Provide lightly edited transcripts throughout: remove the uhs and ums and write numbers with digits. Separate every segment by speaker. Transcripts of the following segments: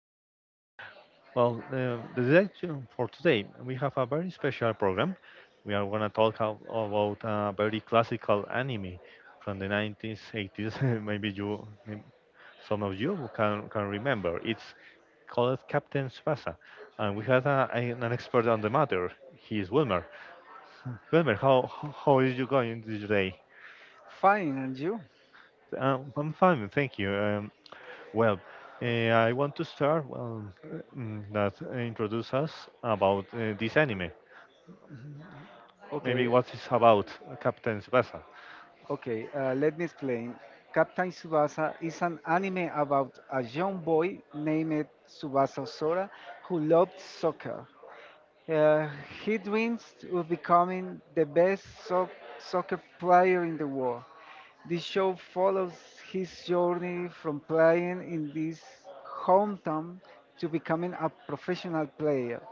Speaker 1: um, the direction for today, we have a very special program. We are going to talk about a very classical anime from the 90s, 80s. Some of you can remember. It's called Captain Tsubasa, and we have an expert on the matter. He is Wilmer. Wilmer, how is you going today?
Speaker 2: Fine, and you?
Speaker 1: I'm fine, thank you. Well, I want to start well that introduce us about this anime. Maybe
Speaker 2: Okay,
Speaker 1: what it's about Captain Tsubasa.
Speaker 2: okay, Let me explain. Captain Tsubasa is an anime about a young boy named Tsubasa Sora who loves soccer. Uh, he dreams of becoming the best soccer player in the world. The show follows his journey from playing in his hometown to becoming a professional player.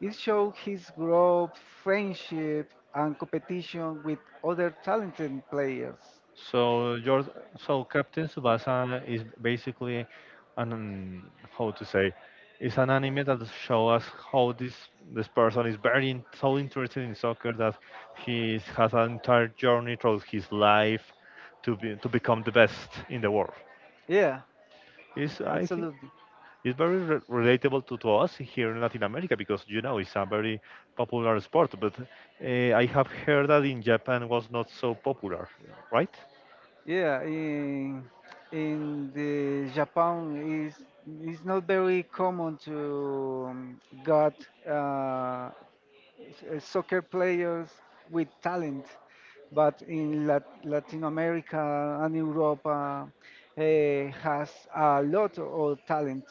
Speaker 2: It shows his growth, friendship, and competition with other talented players.
Speaker 1: So your so Captain Tsubasa is basically an how to say, it's an anime that show us how this person is very so interested in soccer that he has an entire journey through his life to become the best in the world.
Speaker 2: Yeah,
Speaker 1: Is I think
Speaker 2: absolutely.
Speaker 1: it's very relatable to us here in Latin America because you know it's a very popular sport. But I have heard that in Japan was not so popular, right?
Speaker 2: Yeah, in the Japan is it's not very common to got uh, soccer players with talent. But in Latin America and Europe, has a lot of talent.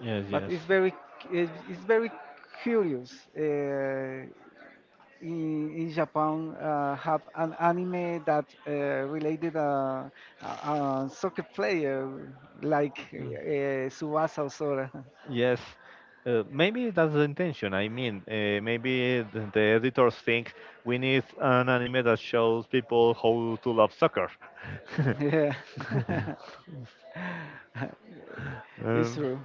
Speaker 1: Yes,
Speaker 2: But
Speaker 1: yes.
Speaker 2: it's very curious. In Japan, have an anime that related, a, a soccer player like,
Speaker 1: Mm.
Speaker 2: Subasa Osora.
Speaker 1: Yes, maybe that's the intention. I mean, maybe the editors think we need an anime that shows people how to love soccer.
Speaker 2: Yeah, it's
Speaker 1: Um,
Speaker 2: true.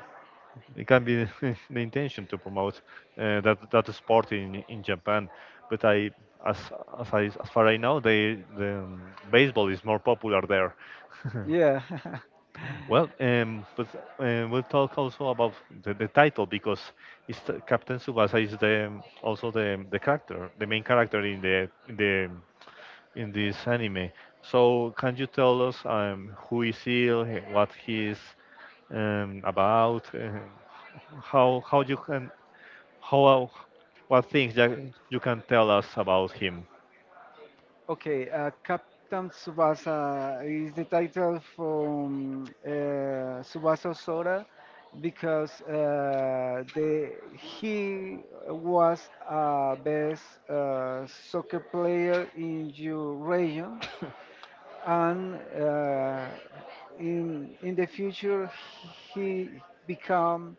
Speaker 1: it can be the intention to promote that sport in Japan. But I, as as I as far I know, the baseball is more popular there.
Speaker 2: Yeah.
Speaker 1: well, but We'll talk also about the title because Captain Tsubasa is the also the character, the main character in the in the in this anime. So can you tell us who is he, what he is about? How you can how What things that you can tell us about him
Speaker 2: Okay, Captain Tsubasa is the title from, Tsubasa Sora because the he was a best, soccer player in your region, and in the future he become,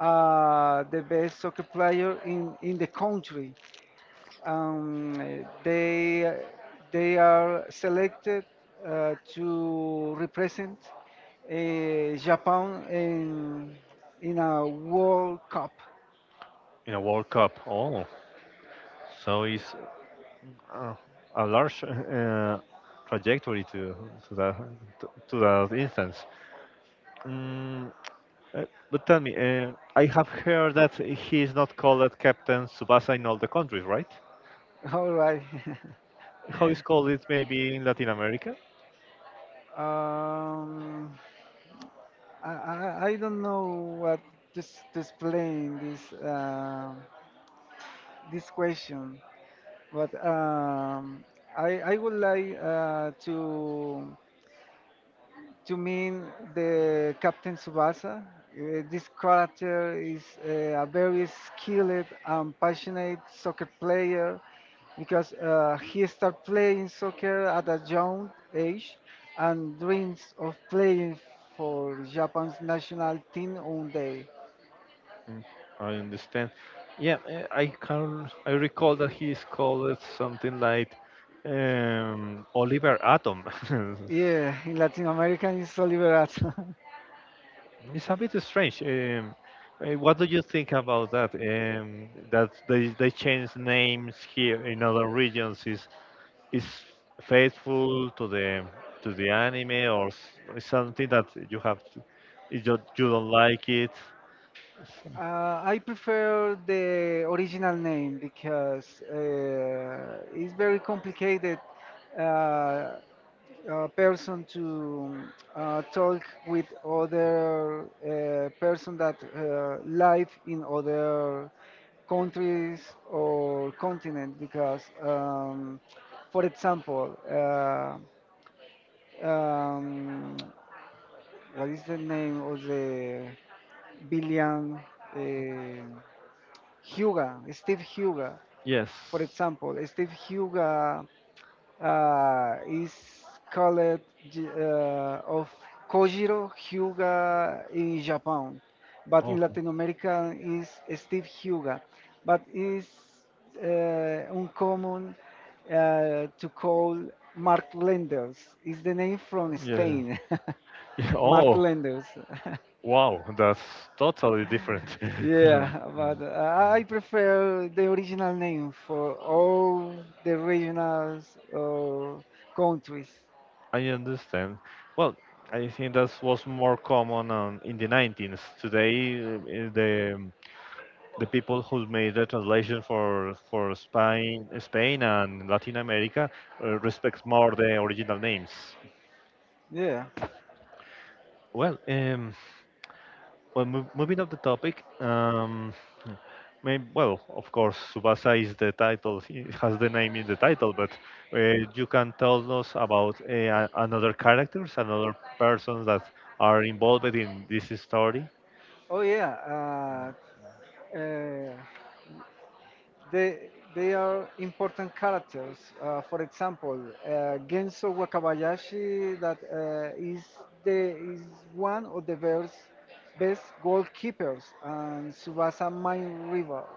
Speaker 2: the best soccer player in the country. Um, eh, they they are selected to represent Japan in a World Cup.
Speaker 1: in a World Cup? Oh, so it's uh, a large trajectory to that to that instance. Mm, uh, but tell me, I have heard that he is not called captain Subasa in all the countries, right?
Speaker 2: All right.
Speaker 1: How is called it maybe in Latin America?
Speaker 2: um, I don't know what to explain this, this question, but I would like to mean the Captain Subasa. This character is, a very skilled and passionate soccer player because, he started playing soccer at a young age and dreams of playing for Japan's national team one day.
Speaker 1: Mm, I understand. Yeah, I can. I recall that he is called it something like Oliver Atom.
Speaker 2: Yeah, in Latin America it's Oliver Atom.
Speaker 1: It's a bit strange. What do you think about that? That they change names here in other regions, is faithful to the anime, or something that you have you don't like it. So,
Speaker 2: I prefer the original name because it's very complicated, uh, person to, talk with other, person that live in other countries or continent because, for example, um, what is the name of the billion, Uh, Huga, Steve Huga,
Speaker 1: yes.
Speaker 2: for example, Steve Huga is called, of Kojiro Hyuga in Japan, but in
Speaker 1: Okay.
Speaker 2: Latin America is Steve Huga, but it's, uncommon, to call Mark Lenders. Is the name from
Speaker 1: Yeah.
Speaker 2: Spain.
Speaker 1: Yeah.
Speaker 2: Mark
Speaker 1: Oh,
Speaker 2: Lenders.
Speaker 1: wow. That's totally different.
Speaker 2: Yeah, but I prefer the original name for all the regions or countries.
Speaker 1: I understand. Well, I think that was more common in the 19th. Today, the the people who made the translation for Spain and Latin America respect more the original names.
Speaker 2: Yeah.
Speaker 1: Well, um, Moving up the topic, maybe, well, of course, Subasa is the title, it has the name in the title, but uh, you can tell us about another characters, another persons that are involved in this story.
Speaker 2: Oh yeah. Uh, they they are important characters. For example, Genso Wakabayashi, that is one of the best best goalkeepers, and Subasa main rival.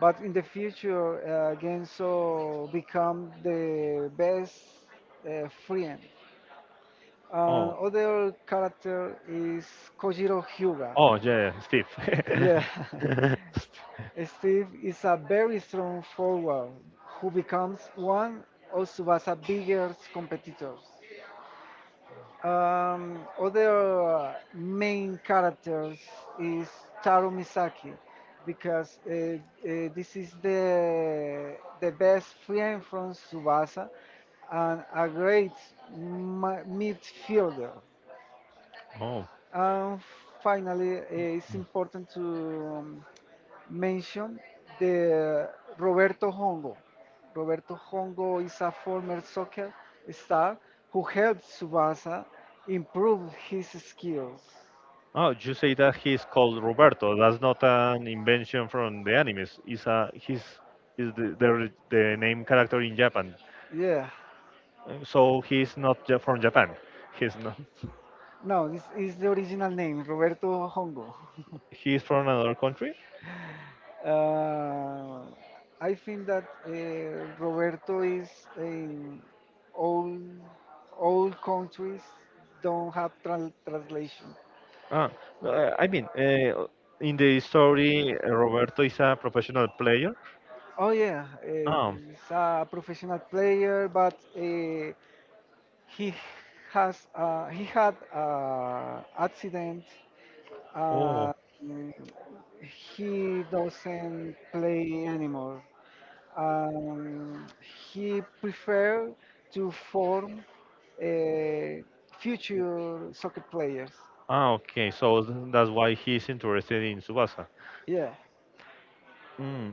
Speaker 2: But in the future, Genso become the best, friend.
Speaker 1: Oh,
Speaker 2: Other character is Kojiro Hyuga.
Speaker 1: oh yeah, Steve.
Speaker 2: Yeah, Steve is a very strong forward who becomes one of Tsubasa's biggest competitors. Other main characters is Taro Misaki because this is the best friend from Tsubasa and a great midfielder.
Speaker 1: Oh,
Speaker 2: And finally, it's important to, um, mention the Roberto Hongo. Roberto Hongo is a former soccer star who helped Subasa improve his skills.
Speaker 1: oh, you say that he's called Roberto. That's not an invention from the animes. It's a He's is the name character in Japan.
Speaker 2: Yeah,
Speaker 1: So he's not from Japan. He's not.
Speaker 2: no, this is the original name, Roberto Hongo.
Speaker 1: He's from another country.
Speaker 2: Uh, I think that Roberto is in all all countries don't have translation.
Speaker 1: Ah, no, I mean, in the story, Roberto is a professional player.
Speaker 2: Oh yeah, eh,
Speaker 1: Ah,
Speaker 2: he's a professional player, but he has he had an accident. Uh,
Speaker 1: oh,
Speaker 2: mm, he doesn't play anymore. Um, he prefer to form, uh, future soccer players.
Speaker 1: ah, okay. So that's why he's interested in Subasa.
Speaker 2: Yeah.
Speaker 1: Mm,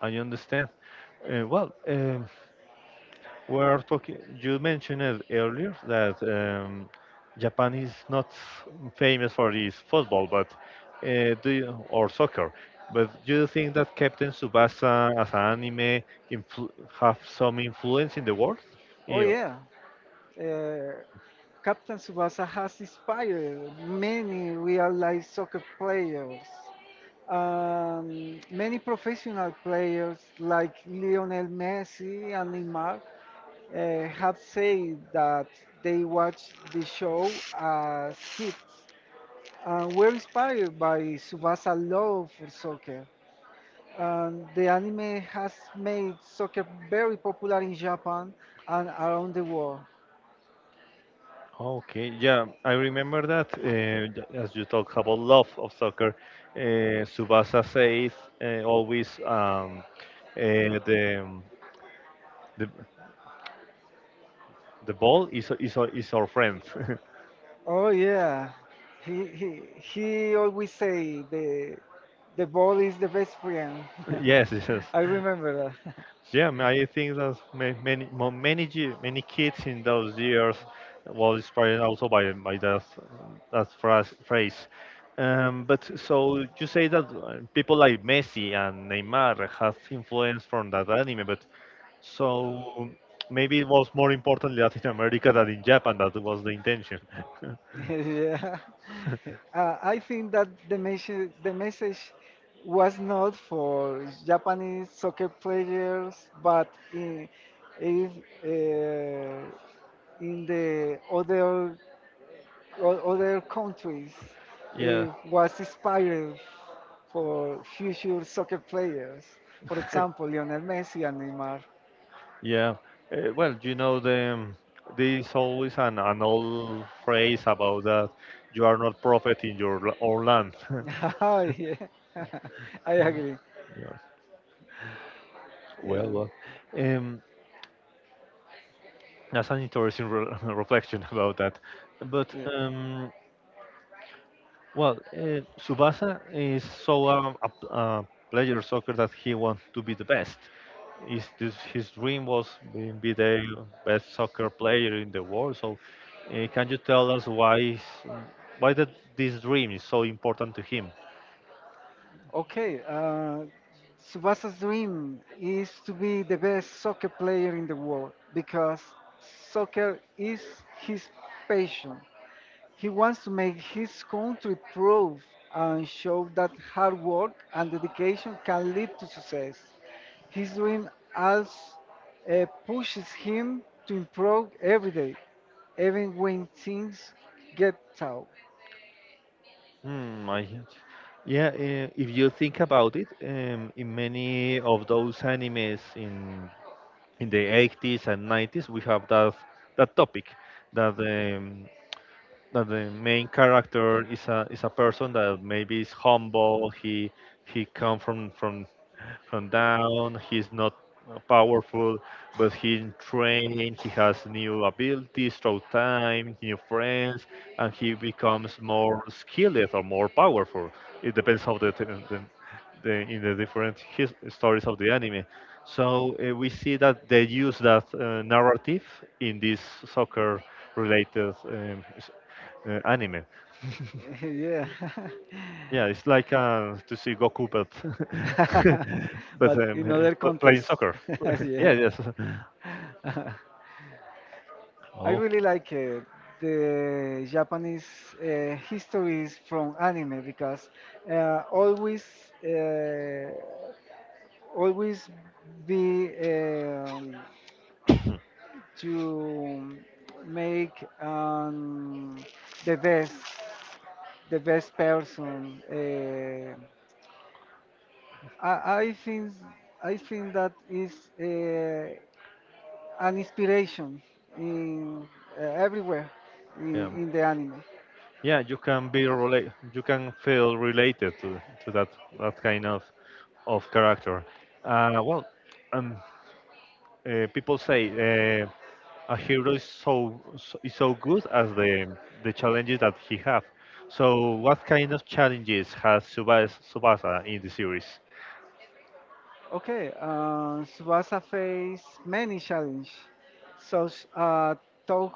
Speaker 1: I understand. Uh, well, um We're talking. You mentioned it earlier that Japan is not famous for its football, but or soccer. But do you think that Captain Tsubasa as an anime influ have some influence in the world?
Speaker 2: Oh
Speaker 1: Yeah.
Speaker 2: yeah. Uh, Captain Subasa has inspired many real life soccer players. Many professional players like Lionel Messi and Neymar have said that they watched the show as kids and were inspired by Subasa's love for soccer. And the anime has made soccer very popular in Japan and around the world.
Speaker 1: Okay, yeah, I remember that. As you talk about love of soccer, uh, Subasa says always uh, the, the the ball is our friend.
Speaker 2: Oh yeah, he he always say the ball is the best friend.
Speaker 1: Yes, yes.
Speaker 2: I remember that.
Speaker 1: Yeah, I think that ma- many mo- many ge- many kids in those years was inspired also by that phrase. But so you say that people like Messi and Neymar has influence from that anime, but so maybe it was more important in Latin America than in Japan. That was the intention.
Speaker 2: yeah. I think that the message was not for Japanese soccer players, but in if, uh, in the other other countries,
Speaker 1: Yeah.
Speaker 2: it was inspired for future soccer players. For example, Lionel Messi and Neymar.
Speaker 1: Yeah. You know, there's always an old phrase about that you are not prophet in your own land.
Speaker 2: Oh, yeah, I agree.
Speaker 1: Yeah.
Speaker 2: Yeah.
Speaker 1: Well, well. Um, that's an interesting re reflection about that. But
Speaker 2: Yeah.
Speaker 1: well, Subasa is so a player of soccer that he wants to be the best. His dream was being be the best soccer player in the world. So, can you tell us why that this dream is so important to him?
Speaker 2: Okay, uh, Subasa's dream is to be the best soccer player in the world because soccer is his passion. He wants to make his country proud and show that hard work and dedication can lead to success. His dream also, pushes him to improve every day, even when things get tough.
Speaker 1: Hmm, I get you. Yeah, if you think about it, in many of those animes in the 80s and 90s, we have that that topic that um, that the main character is a person that maybe is humble. He come from down. He's not powerful, but he train. He has new abilities through time, new friends, and he becomes more skilled or more powerful. It depends how the in the different stories of the anime. So we see that they use that narrative in these soccer related anime.
Speaker 2: Yeah.
Speaker 1: Yeah, it's like to see Goku, but but
Speaker 2: But in other
Speaker 1: playing
Speaker 2: contexts,
Speaker 1: soccer. Yeah,
Speaker 2: yeah.
Speaker 1: yes.
Speaker 2: I
Speaker 1: Oh,
Speaker 2: really like, the Japanese, histories from anime because uh, always uh, always be, to make, um, the best the best person. I think that is. Uh, an inspiration in, everywhere
Speaker 1: yeah,
Speaker 2: in the anime.
Speaker 1: yeah. You can be relate. You can feel related to that that kind of character. Uh, well, um, People say uh, a hero is is so good as the challenges that he have. So what kind of challenges has Subasa in the series?
Speaker 2: Okay, Tsubasa faced many challenges, such, tough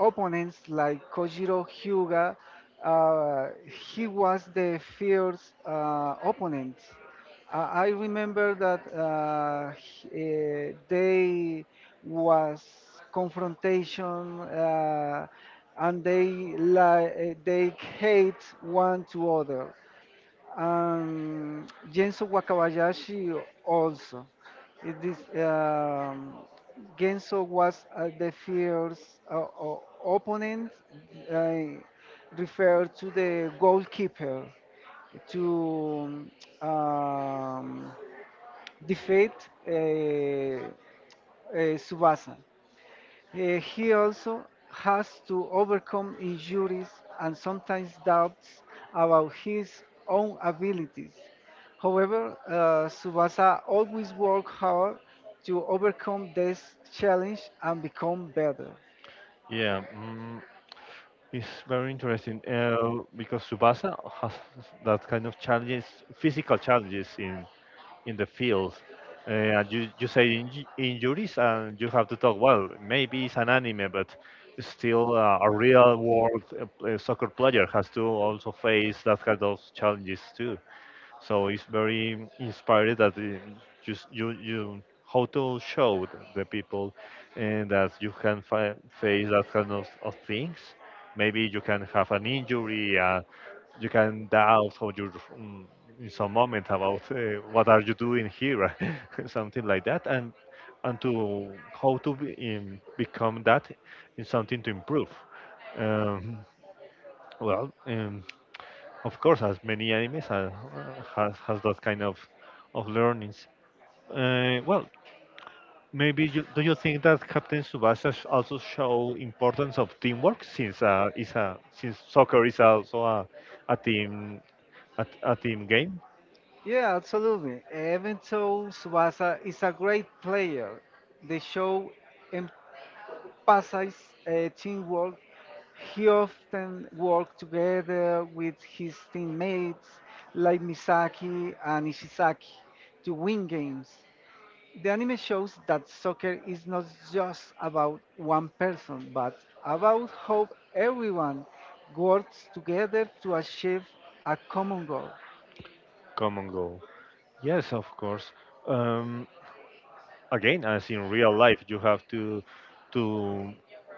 Speaker 2: opponents like Kojiro Hyuga. Uh, he was the fierce, opponent. I remember that they was confrontation, and they li- they hate one to other. Genso Wakabayashi also. It is, um, Genso was, the fierce, opponent, uh, referred to the goalkeeper to, um, defeat, uh, Subasa. He also has to overcome injuries and sometimes doubts about his own abilities. However, Tsubasa always worked hard to overcome this challenge and become better.
Speaker 1: Yeah, mm, it's very interesting because Subasa has that kind of challenges, physical challenges in the field. And you say injuries, and you have to talk. Well, maybe it's an anime, but still a real world soccer player has to also face that kind of challenges too. So it's very inspired that just you how to show the people and that you can face that kind of things. Maybe you can have an injury. You can doubt how you in some moment about what are you doing here, something like that, and to how to be, become that in something to improve. Um, well. Um, of course, as many animes has that kind of learnings. Well, maybe you, do you think that Captain Tsubasa also show importance of teamwork since is a since soccer is also a team a team game?
Speaker 2: Yeah, absolutely. Even though Tsubasa is a great player, the show Pasai's, teamwork, he often worked together with his teammates like Misaki and Ishizaki to win games. The anime shows that soccer is not just about one person, but about how everyone works together to achieve a common goal.
Speaker 1: Come and go. Yes, of course. Um, Again, as in real life, you have to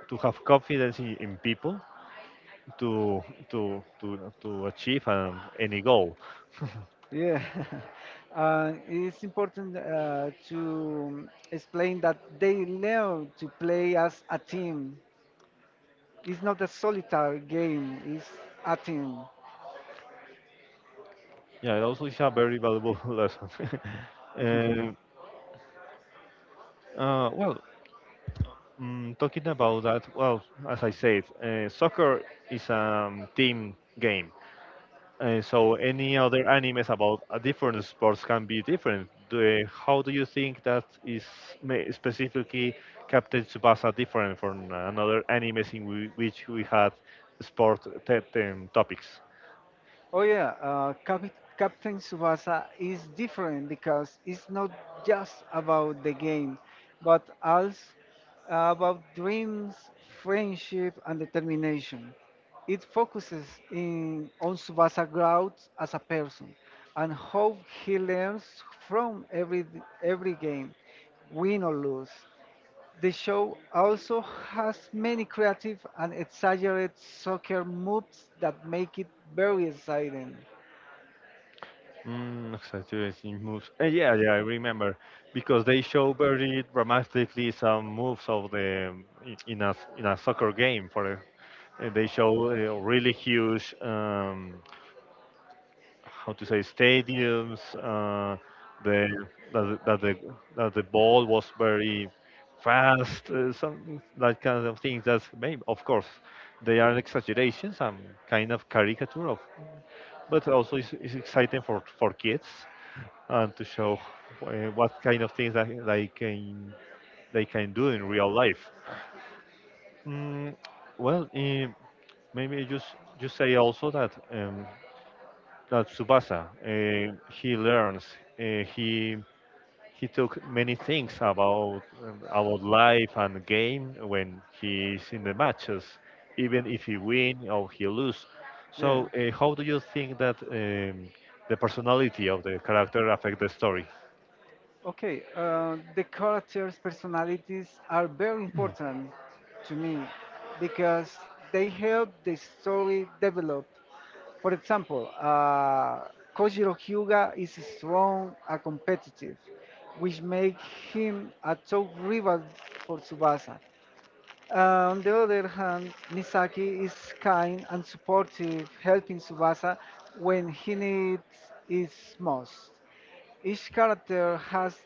Speaker 1: to have confidence in people to to achieve any goal.
Speaker 2: Yeah, it's important, to explain that they learn to play as a team. It's not a solitary game, it's a team.
Speaker 1: Yeah, it also is a very valuable lesson. Um uh, well, Talking about that, well, as I said, soccer is a team game. So any other animes about a different sports can be different. How do you think that is specifically Captain Tsubasa different from another animes in which we had sport topics?
Speaker 2: Oh, yeah, Captain Tsubasa is different because it's not just about the game, but also about dreams, friendship, and determination. It focuses in, on Tsubasa growth as a person and how he learns from every game, win or lose. The show also has many creative and exaggerated soccer moves that make it very exciting.
Speaker 1: Mm, exaggerating moves. Yeah, yeah, I remember because they show very dramatically some moves of the in in a soccer game. For they show really huge, how to say, stadiums. The that the- that the That the ball was very fast. Some that kind of things. That's maybe, of course, they are exaggerations. Some kind of caricature of, but also it's exciting for kids and to show uh, what kind of things that they can do in real life. Mm, well, eh, maybe just Say also that Tsubasa he learns uh, he he took many things about life and game when he's in the matches, even if he win or he lose.
Speaker 2: Yeah.
Speaker 1: So, how do you think that the personality of the character affect the story?
Speaker 2: Okay, the characters' personalities are very
Speaker 1: Mm.
Speaker 2: important to me because they help the story develop. For example, Kojiro Hyuga is strong and competitive, which makes him a top rival for Tsubasa. On the other hand, Misaki is kind and supportive, helping Tsubasa when he needs it most. Each character has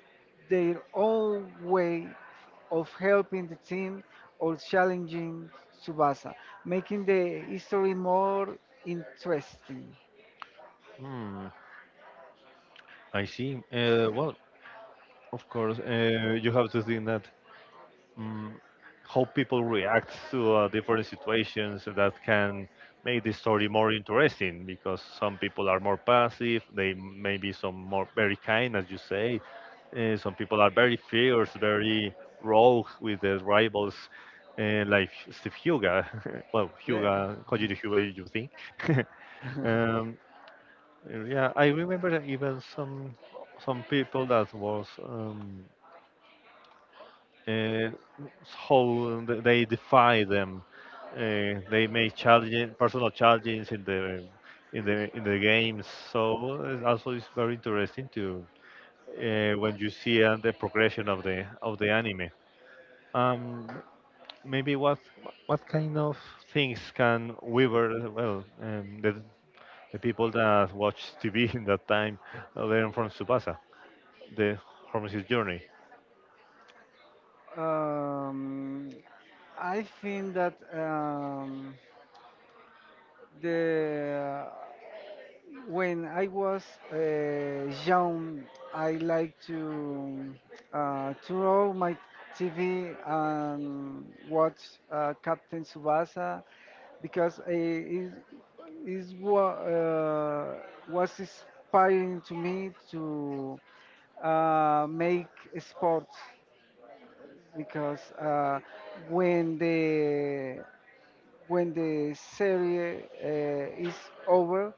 Speaker 2: their own way of helping the team or challenging Tsubasa, making the history more interesting.
Speaker 1: Mm, I see. Well, of course, you have to think that um, how people react to different situations that can make the story more interesting because some people are more passive, they may be some more very kind, as you say. Some people are very fierce, very rogue with their rivals, like Steve Huga. Well,
Speaker 2: Yeah.
Speaker 1: Huga, Kojiro Huga, you think?
Speaker 2: uh,
Speaker 1: Um, Yeah, I remember that even some people that was uh, how they defy them. They make challenge, personal challenges in the in the games. So it's also it's very interesting to when you see the progression of the anime. Um, Maybe what kind of things can Weaver well the people that watch TV in that time learn from Tsubasa? The pharmacist journey.
Speaker 2: um, Um, I think that, the when I was, young, I like to, turn on my TV and watch, Captain Tsubasa because it is what, was inspiring to me to, make sports because, when the when the series, is over,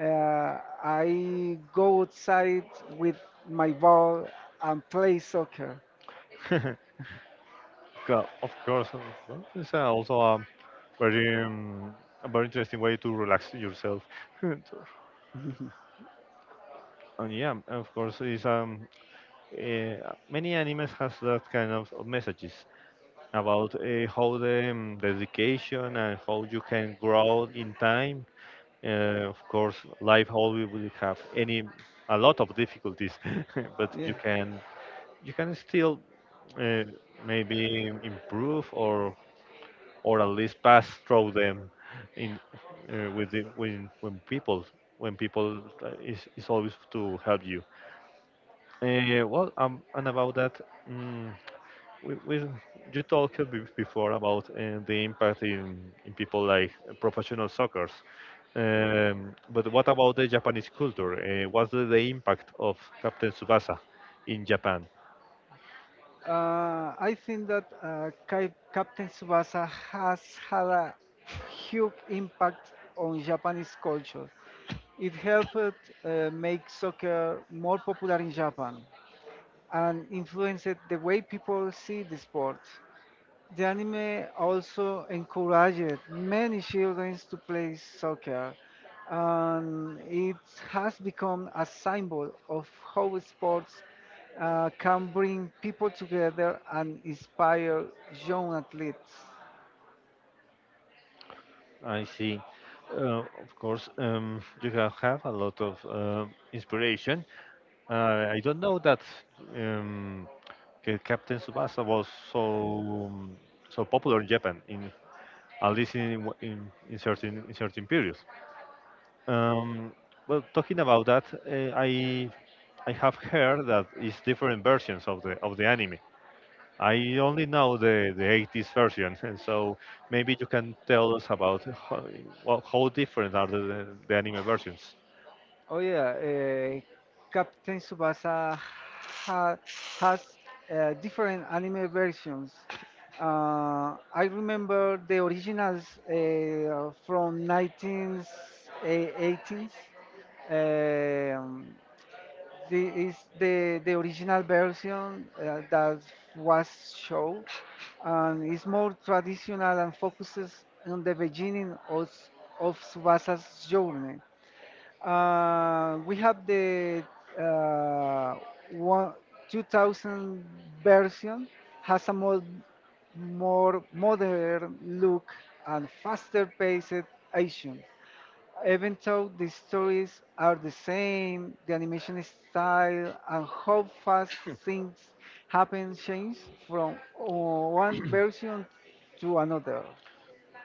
Speaker 2: uh, I go outside with my ball and play soccer.
Speaker 1: Co- of course, well, it's also very um, a very interesting way to relax yourself. And yeah, of course, is many animes has that kind of messages about how the dedication and how you can grow in time. Of course, life always will have any a lot of difficulties, but
Speaker 2: Yeah.
Speaker 1: you can still uh, maybe improve or at least pass through them in with the, when people when people is always to help you. And about that, um, we you talked a bit before about the impact in people like professional soccer. But what about the Japanese culture? What's the impact of Captain Tsubasa in Japan?
Speaker 2: I think that Captain Tsubasa has had a huge impact on Japanese culture. It helped, make soccer more popular in Japan, and influenced the way people see the sport. The anime also encouraged many children to play soccer, and it has become a symbol of how sports, can bring people together and inspire young athletes.
Speaker 1: I see. Of course, you have a lot of inspiration. I don't know that um, Captain Tsubasa was so so popular in Japan, in at least in certain periods. Um, well, talking about that, I have heard that it's different versions of the anime. I only know the 80s version, and so maybe you can tell us about how, well, how different are the anime versions.
Speaker 2: Oh yeah, Captain Tsubasa ha has, different anime versions. I remember the originals, from 1980s. Um, the, is The original version, that was shown, and is more traditional and focuses on the beginning of Subasa's journey. We have the, uh, one, 2000 version has more modern look and faster paced action. Even though the stories are the same, the animation style and how fast things happen change from, one version to another.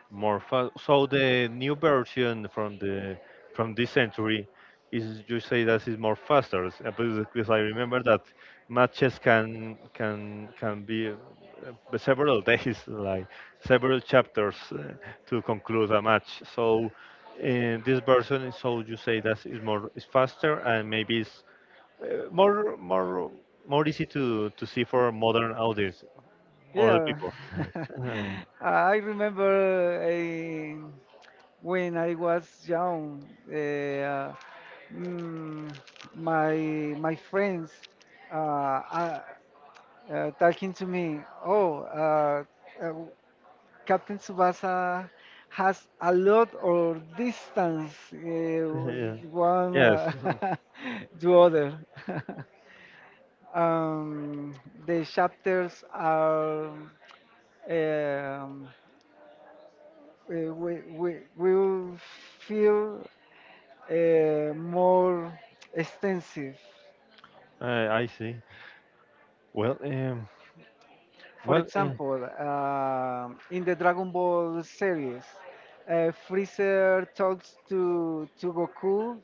Speaker 1: More fun. So the new version from the from this century is you say that is more faster because I remember that matches can be several days like several chapters to conclude a match. So in this version, is so you say that is more is faster and maybe it's uh, more more more easy to see for modern audience, modern
Speaker 2: Yeah,
Speaker 1: people. Uh,
Speaker 2: I remember when I was young, uh, mm, my my friends, uh, uh, talking to me, oh, uh, Captain Tsubasa has a lot of distance,
Speaker 1: yeah.
Speaker 2: one,
Speaker 1: Yes.
Speaker 2: to other. um, the chapters are, um, uh, we will feel, more extensive.
Speaker 1: I see. Well,
Speaker 2: For
Speaker 1: well,
Speaker 2: example, in the Dragon Ball series, Freezer talks to Goku,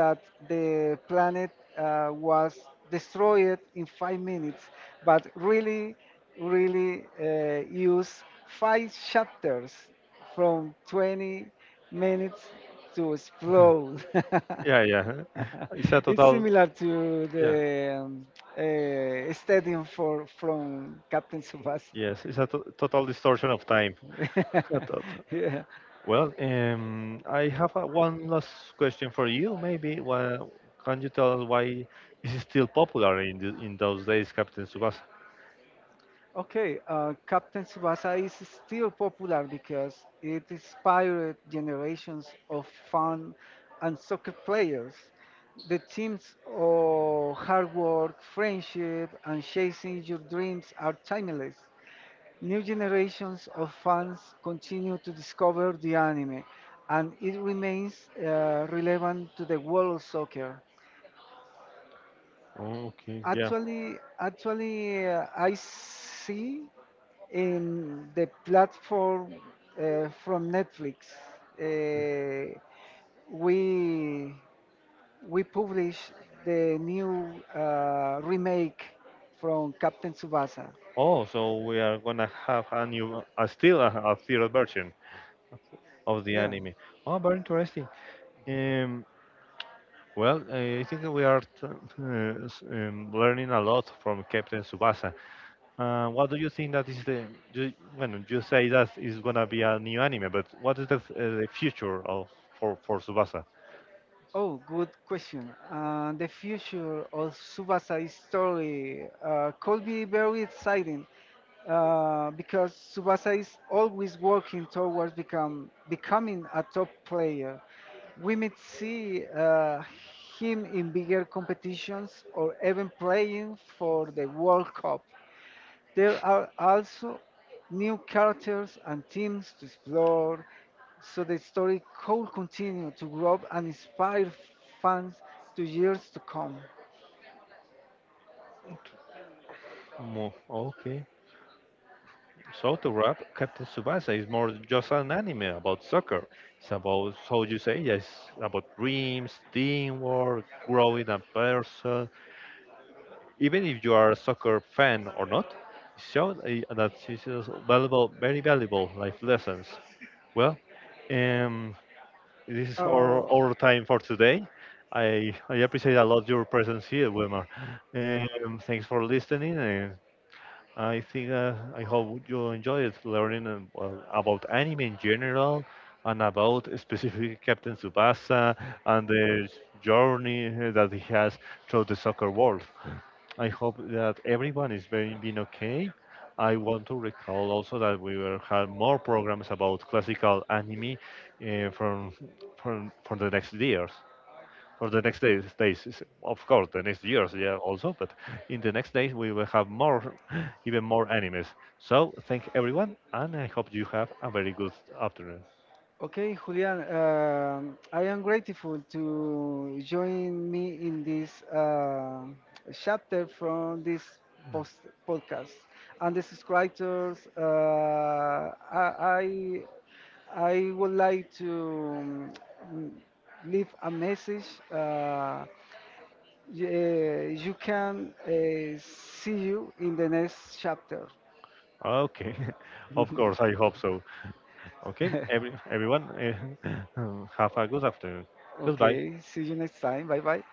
Speaker 2: that the planet, was destroyed in 5 minutes, but really, use five chapters from 20 minutes to explode.
Speaker 1: yeah, yeah. It's a
Speaker 2: It's
Speaker 1: total,
Speaker 2: similar to
Speaker 1: yeah,
Speaker 2: the, stadium for from Captain Tsubasa.
Speaker 1: yes. It's a to total distortion of time. I thought.
Speaker 2: yeah.
Speaker 1: Well, I have one last question for you. Maybe, well, can you tell us why this is still popular in the, in those days, Captain Tsubasa?
Speaker 2: Okay. Captain Tsubasa is still popular because it inspired generations of fan and soccer players. The themes of hard work, friendship, and chasing your dreams are timeless. New generations of fans continue to discover the anime, and it remains, relevant to the world of soccer.
Speaker 1: Oh, okay, yeah.
Speaker 2: Actually, I see in the platform, from Netflix. Uh, we we publish the new, remake from Captain Tsubasa.
Speaker 1: Oh, so we are gonna have a new, still a theater version of the
Speaker 2: Yeah.
Speaker 1: anime. Oh, very interesting. Um, Well, I think we are learning a lot from Captain Tsubasa. What do you think that is the? You, when you say that is gonna be a new anime, but what is the future of for Tsubasa?
Speaker 2: Oh, good question. The future of Subasa's story, could be very exciting because Subasa is always working towards becoming a top player. We may see, him in bigger competitions or even playing for the World Cup. There are also new characters and themes to explore, so the story could continue to grow and inspire fans to years to come.
Speaker 1: Okay, so to wrap, Captain Tsubasa is more just an anime about soccer. It's about how you say yes, about dreams, teamwork, growing a person, even if you are a soccer fan or not, it showed that this is valuable, very valuable life lessons. Well, um, this is
Speaker 2: Uh,
Speaker 1: our time for today. I appreciate a lot your presence here, Wilmar. Thanks for listening. And I think I hope you enjoyed learning well, about anime in general and about specifically Captain Tsubasa and the journey that he has through the soccer world. I hope that everyone is very been okay. I want to recall also that we will have more programs about classical anime from for the next years. For the next days, of course, the next years, yeah, also. But in the next days, we will have more, even more animes. So thank everyone, and I hope you have a very good afternoon.
Speaker 2: Okay, Julian, I am grateful to join me in this, chapter from this post podcast. And the subscribers, I would like to, mm, leave a message. Uh, you can, see you in the next chapter.
Speaker 1: Okay, of course, I hope so. Okay, everyone, have a good afternoon. Goodbye.
Speaker 2: Okay, see you next time. Bye bye.